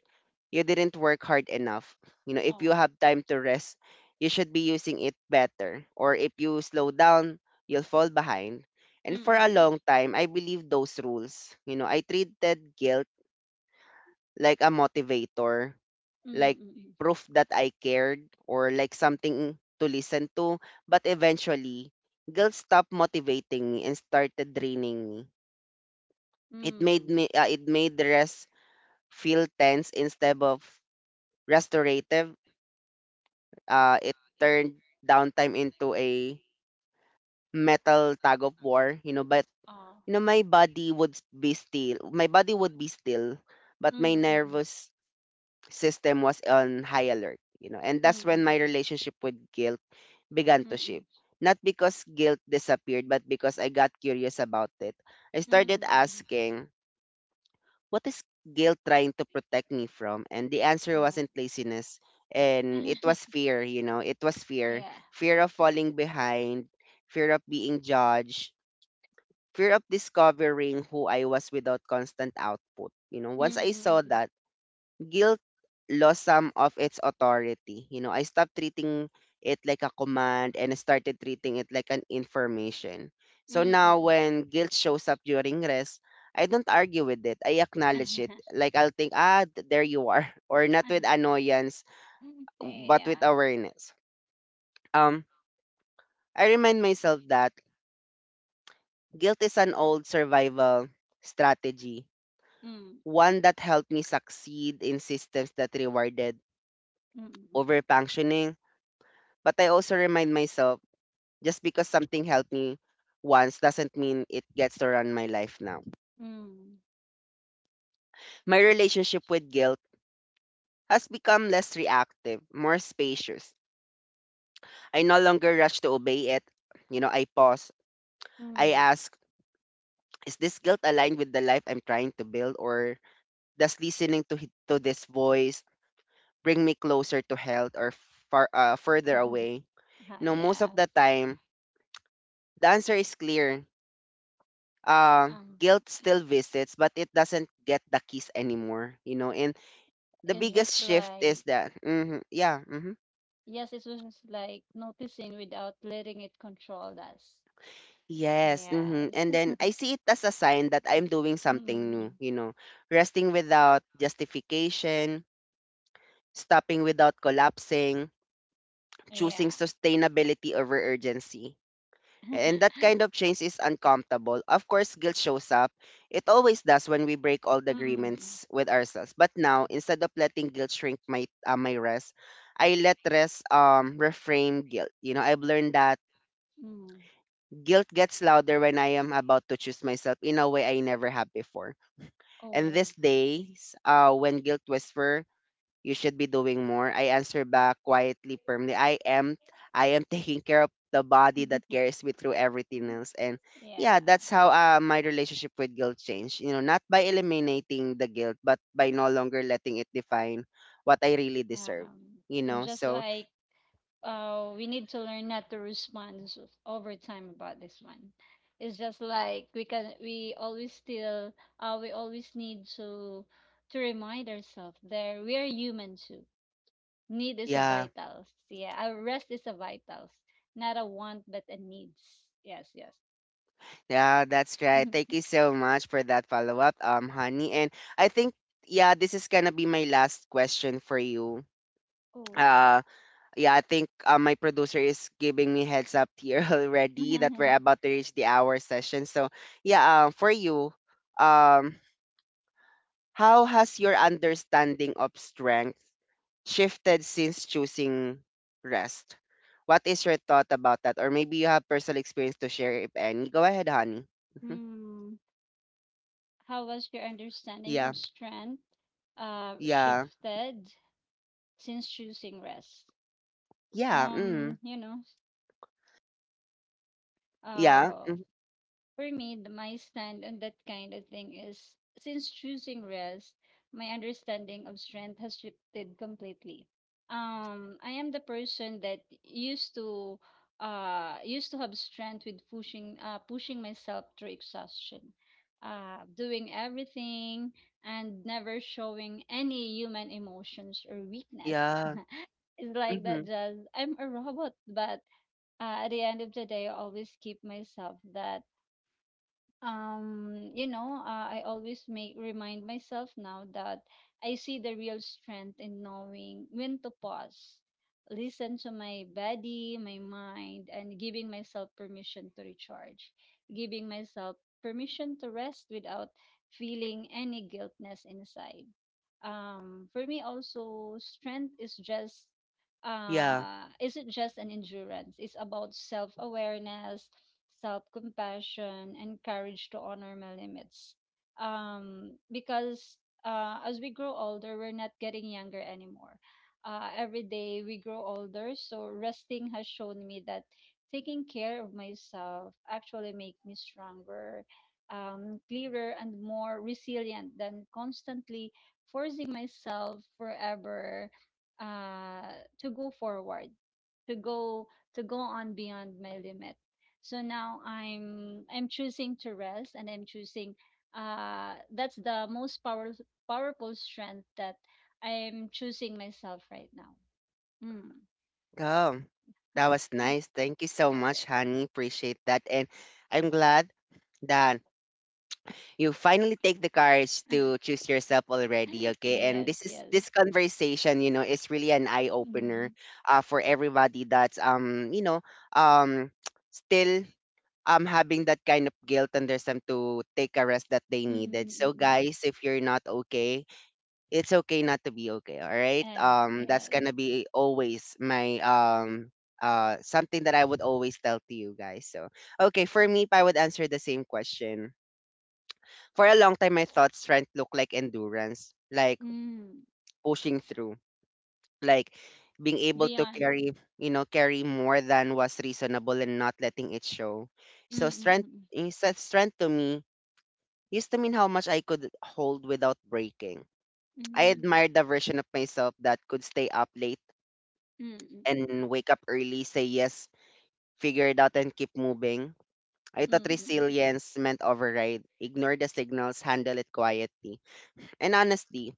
you didn't work hard enough. You know, if you
Oh.
have time to rest, you should be using it better. Or if you slow down, you'll fall behind. And
Mm,
for a
mm,
long time, I believe those rules. You know, I treated guilt like a motivator,
mm, mm,
like
mm, mm, mm.
proof that I cared, or like something to listen to. But eventually, guilt stopped motivating me and started draining me. It made the rest feel tense instead of restorative. It turned downtime into a metal tug of war, you know, but
Oh.
you know my body would s- be still. My body would be still, but
Mm,
my
mm, mm.
nervous system was on high alert, you know. And that's when my
Mm-mm-mm.
relationship with guilt began to shift.
Mm-mm.
Not because guilt disappeared, but because I got curious about it. I started
Mm-mm-mm.
asking, what is guilt trying to protect me from? And the answer
Oh.
wasn't laziness. And it was fear, you know, It was fear.
Yeah.
Fear of falling behind, fear of being judged, fear of discovering who I was without constant output. You know, once I
Ừm, ừm,
saw
ừm,
that, guilt lost some of its authority. You know, I stopped treating it like a command and I started treating it like an information. So
ừm,
now
ừm.
when guilt shows up during rest, I don't argue with it. I
À,
acknowledge it. Like I'll think, ah, there you are. Or not with annoyance,
hay
but with
à.
awareness. Um, I remind myself that guilt is an old survival strategy,
Ừm,
one that helped me succeed in systems that rewarded
ừm,
over. But I also remind myself, just because something helped me once doesn't mean it gets to run my life now.
ừm,
My relationship with guilt has become less reactive, more spacious. I no longer rush to obey it. You know, I pause.
ừm, ừm. Hi, yeah. Mm, mm,
I
mm, mm, mm. Mm.
ask, is this guilt aligned with the life I'm trying to build, or does listening to this voice bring me closer to health, or far further away?
Ah,
You know, most of
yes.
the time the answer is clear. Um,
Um,
guilt still visits, but it doesn't get the keys anymore, you know. And the
it's
biggest
just
shift is
like,
that, hmm, yeah, hmm,
yes, it was just like noticing without letting it control us.
yes, hmm,
Yes.
and then I see it as a sign that I'm doing
Mm,
something new,
mm,
you know: resting without justification, stopping without collapsing,
mm. Yeah.
choosing sustainability over urgency. And that kind of change is uncomfortable. Of course, guilt shows up. It always does when we break all the
Mm, mm. Mm.
agreements with ourselves. But now, instead of letting guilt shrink my rest, I let rest reframe guilt. You know, I've learned that
Mm.
guilt gets louder when I am about to choose myself in a way I never have before. And
Oh.
these days, when guilt whisper, you should be doing more. I answer back quietly, firmly. I am taking care of the body that carries me through everything else. And yeah,
Yeah.
that's how, my relationship with guilt changed. You know, not by eliminating the guilt, but by no longer letting it define what I really deserve. You
It's
know,
just
so
like we need to learn not to respond over time about this one. It's just like we always still, we always need to remind ourselves that we are human too. Need is a
yeah,
vitals. Yeah, our rest is a vitals, not a want but a needs. Yes, yes.
yeah, that's right. Thank
Mhm.
you so much for that follow up, honey. And I think, yeah, this is gonna be my last question for you.
Okay.
Uh, Yeah, I think, my producer is giving me heads up here already that we're about to reach the hour session. So, yeah, for you, um, how has your understanding of strength shifted since choosing rest? What is your thought about that? Or maybe you have personal experience to share, if any. Go ahead, honey. Mhm.
Hmm. How was your understanding
Yeah,
of strength
yeah,
shifted since choosing rest?
yeah,
Um,
mm,
you know.
yeah,
uh,
mm,
for me, my stand on that kind of thing is since choosing rest, my understanding of strength has shifted completely. I am the person that used to have strength with pushing myself through exhaustion, doing everything and never showing any human emotions or weakness.
yeah,
It's like that
mm-hmm,
just I'm a robot, but at the end of the day, I always keep myself that I always make remind myself now that I see the real strength in knowing when to pause, listen to my body, my mind, and giving myself permission to recharge, giving myself permission to rest without feeling any guiltness inside. For me also, strength is just
yeah.
isn't just an endurance. It's about self awareness, self compassion, and courage to honor my limits. Because as we grow older, we're not getting younger anymore. Every day we grow older, so resting has shown me that taking care of myself actually make me stronger, clearer, and more resilient than constantly forcing myself forever, uh, to go forward, to go to go on beyond my limit. So now I'm choosing to rest, and I'm choosing, that's the most powerful strength, that I'm choosing myself right now. Mm.
Oh, that was nice. Thank you
All
so much, honey. Appreciate that. And I'm glad that you finally take the courage to choose yourself
right.
already, okay? And
Yes,
this is
yes.
this conversation, you know, is really an eye opener
Mm-hmm.
for everybody that's you know, um still having that kind of guilt and there's some to take a rest that they needed. So
Mm-mm-mm-mm.
guys, if you're not okay, it's okay not to be okay, all right?
Ay,
Um, that's
yes.
gonna be always my um, uh, something that I would always tell to you guys. So okay, for me, if I would answer the same question, for a long time I thought strength looked like endurance, like
Mm.
pushing through, like being able to
Beyond.
carry, you know, carry more than was reasonable and not letting it show. So strength
Mm-mm-mm.
is that strength to me used to mean how much I could hold without breaking. I
Mm-mm.
admired the version of myself that could stay up late
Mm-mm.
and wake up early, say yes, figure it out, and keep moving. I thought resilience meant override, ignore the signals, handle it quietly. And honestly,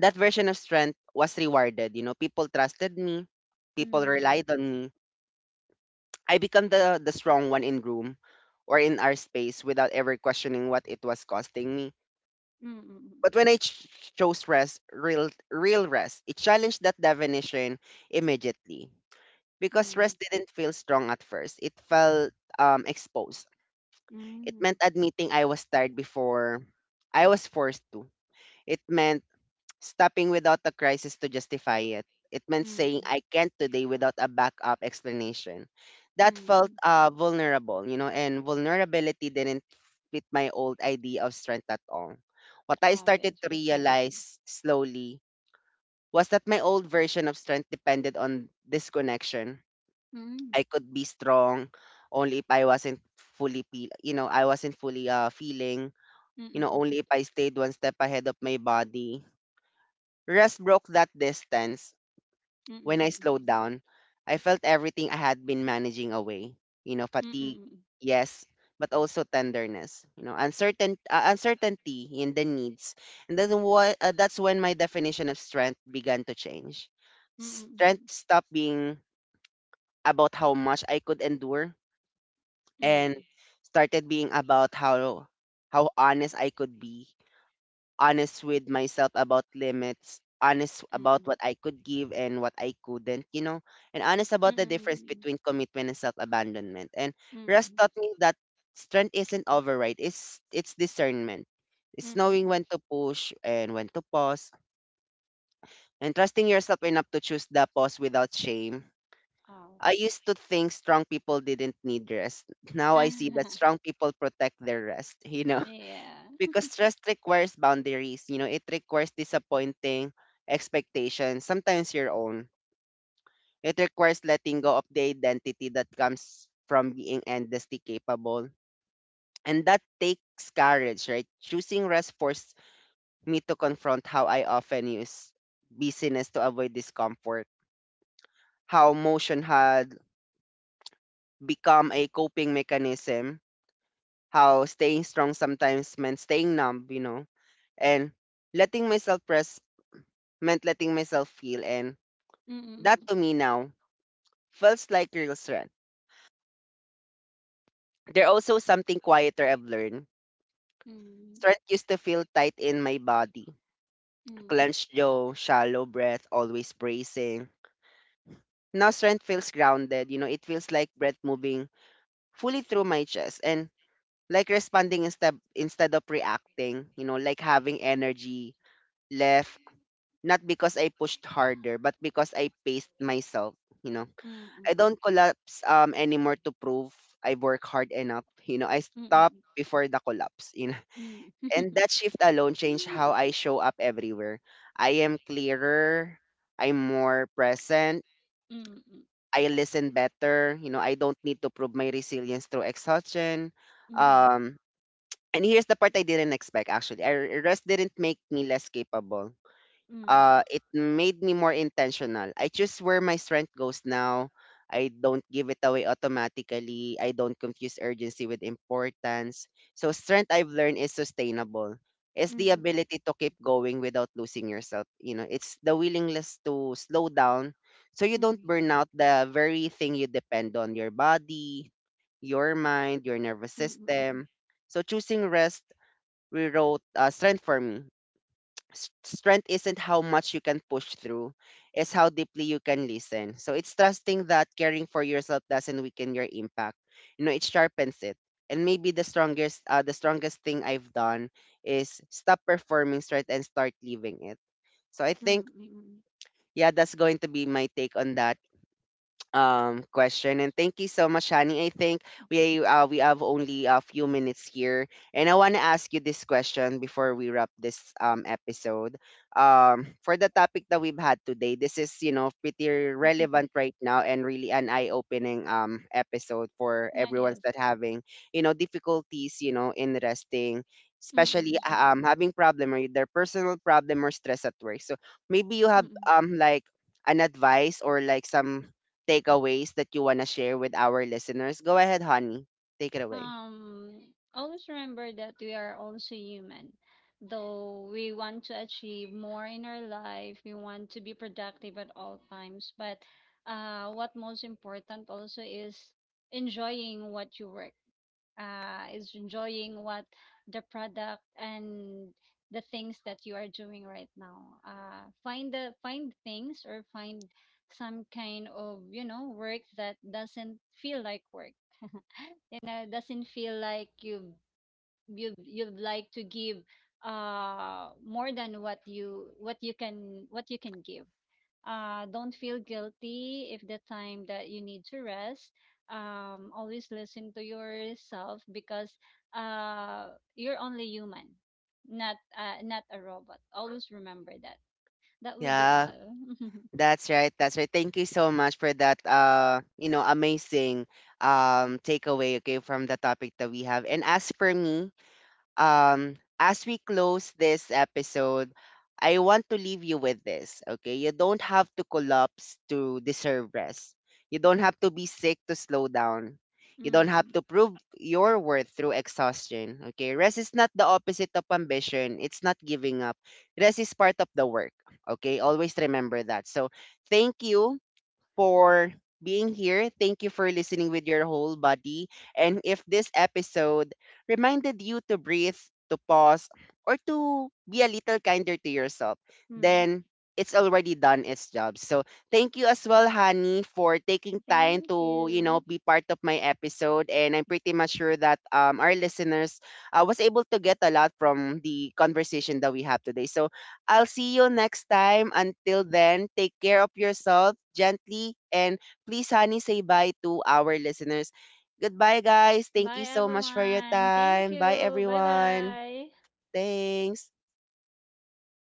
that version of strength was rewarded. You know, people trusted me, people
Mm-mm.
relied on me. I become the strong one in room or in our space without ever questioning what it was costing me. But
Mm-mm.
when chose rest, real rest, it challenged that definition immediately. Because
Mm-mm.
rest didn't feel strong at first. It felt, exposed. It
Mm,
meant admitting I was tired before I was forced to. It meant stopping without a crisis to justify it. It meant saying
mm,
I can't today without a backup explanation. That
mm,
felt
mm.
vulnerable, you know, and vulnerability didn't fit my old idea of strength at all. What I
Oh,
started
yes,
to
precisely.
realize slowly was that my old version of strength depended on disconnection.
Mm,
I could be strong only if I wasn't fully feeling,
mm,
you know, only if
mm,
I stayed one step ahead of my body. Rest broke that distance
mm,
when I slowed
mm,
down. I felt everything I had been managing away, you know,
mm, mm,
fatigue,
mm,
yes, but also tenderness, you know, uncertainty in the needs. And then what that's when my definition of strength began to change.
mm,
Strength
mm,
stopped being about how much I could endure and
mm,
started being about how honest I could be, honest with myself about limits, honest
mm, mm,
about
mm.
what I could give and what I couldn't, you know, and honest about the difference
Mm-mm.
between commitment and self-abandonment. And Russ
Mm-mm.
taught me that strength isn't override, it's discernment. It's
Mm-mm.
knowing
Mm-mm.
when to push and when to pause and trusting yourself enough to choose the pause without shame.
Oh.
I used to think strong people didn't need rest. Now I see that strong people protect their rest, you know,
Yeah.
because rest requires boundaries, you know, it requires disappointing expectations, sometimes your own. It requires letting go of the identity that comes from being endlessly capable. And that takes courage, right? Choosing rest forced me to confront how I often use busyness to avoid discomfort, how motion had become a coping mechanism, how staying strong sometimes meant staying numb, you know, and letting myself press meant letting myself feel. And that
Mm-mm.
to me now feels like real strength. There also something quieter I've learned.
Mm-mm.
Strength used to feel tight in my body, clenched jaw, shallow breath, always bracing. Now strength feels grounded. You know, it feels like breath moving fully through my chest and like responding instead of reacting. You know, like having energy left. Not because I pushed harder, but because I paced myself, you know.
Mm-mm.
I don't collapse anymore to prove I work hard enough. You know, I stop
Mm-mm.
before the collapse, you know.
Mm-mm.
And that shift alone changed how I show up everywhere. I am clearer, I'm more present,
Mm-mm.
I listen better, you know, I don't need to prove my resilience through exhaustion.
Mm-mm.
Um and here's the part I didn't expect actually. I rest didn't make me less capable, it made me more intentional. I choose where my strength goes now. I don't give it away automatically. I don't confuse urgency with importance. So, strength I've learned is sustainable. It's
Mm-mm. Mm-mm.
the
Mm-mm.
ability to keep going without losing yourself. You know, it's the willingness to slow down so you don't burn out the very thing you depend on, your body, your mind, your nervous
Mm-mm. Mm-mm.
system. So, choosing rest rewrote strength for me. Strength isn't how much you can push through, it's how deeply you can listen. So it's trusting that caring for yourself doesn't weaken your impact. You know, it sharpens it. And maybe the strongest thing I've done is stop performing strength and start living it. So I think,
Mm-mm.
yeah, that's going to be my take on that question, and thank you so much, Shani. I think we have only a few minutes here, and I want to ask you this question before we wrap this episode. Um, for the topic that we've had today, this is you know pretty relevant right now and really an eye-opening episode for
Ah,
everyone's
yes.
that having you know difficulties, you know, in resting especially
Mm-mm.
having problem or their personal problem or stress at work. So maybe you have
Mm-mm.
like an advice or like some takeaways that you want to share with our listeners? Go ahead, honey. Take it away.
Um, Always remember that we are also human. Though we want to achieve more in our life, we want to be productive at all times. But what most important also is enjoying what you work. Is enjoying what the product and the things that you are doing right now. Find things or find some kind of work that doesn't feel like work. You know, doesn't feel like you'd like to give more than what you can what you can give. Don't feel guilty if the time that you need to rest. Always listen to yourself because uh, you're only human, not not a robot. Always remember that. That would be
Yeah,
all.
that's right. That's right. Thank you so much for that you know, amazing takeaway, okay, from the topic that we have. And as for me, as we close this episode, I want to leave you with this, okay? You don't have to collapse to deserve rest. You don't have to be sick to slow down. You don't have to
Mm.
prove your worth through exhaustion, okay? Rest is not the opposite of ambition. It's not giving up. Rest is part of the work, okay? Always remember that. So, thank you for being here. Thank you for listening with your whole body. And if this episode reminded you to breathe, to pause, or to be a little kinder to yourself,
Mm.
then it's already done its job. So thank you as well, Honey, for taking time
Thank
to, you know,
you.
be part of my episode. And I'm pretty much sure that our listeners was able to get a lot from the conversation that we have today. So I'll see you next time. Until then, take care of yourself gently. And please, honey, say bye to our listeners. Goodbye, guys. Thank
Bye,
you so much for your
everyone. Thank
time. Bye,
you. Bye
everyone.
bye.
Thanks.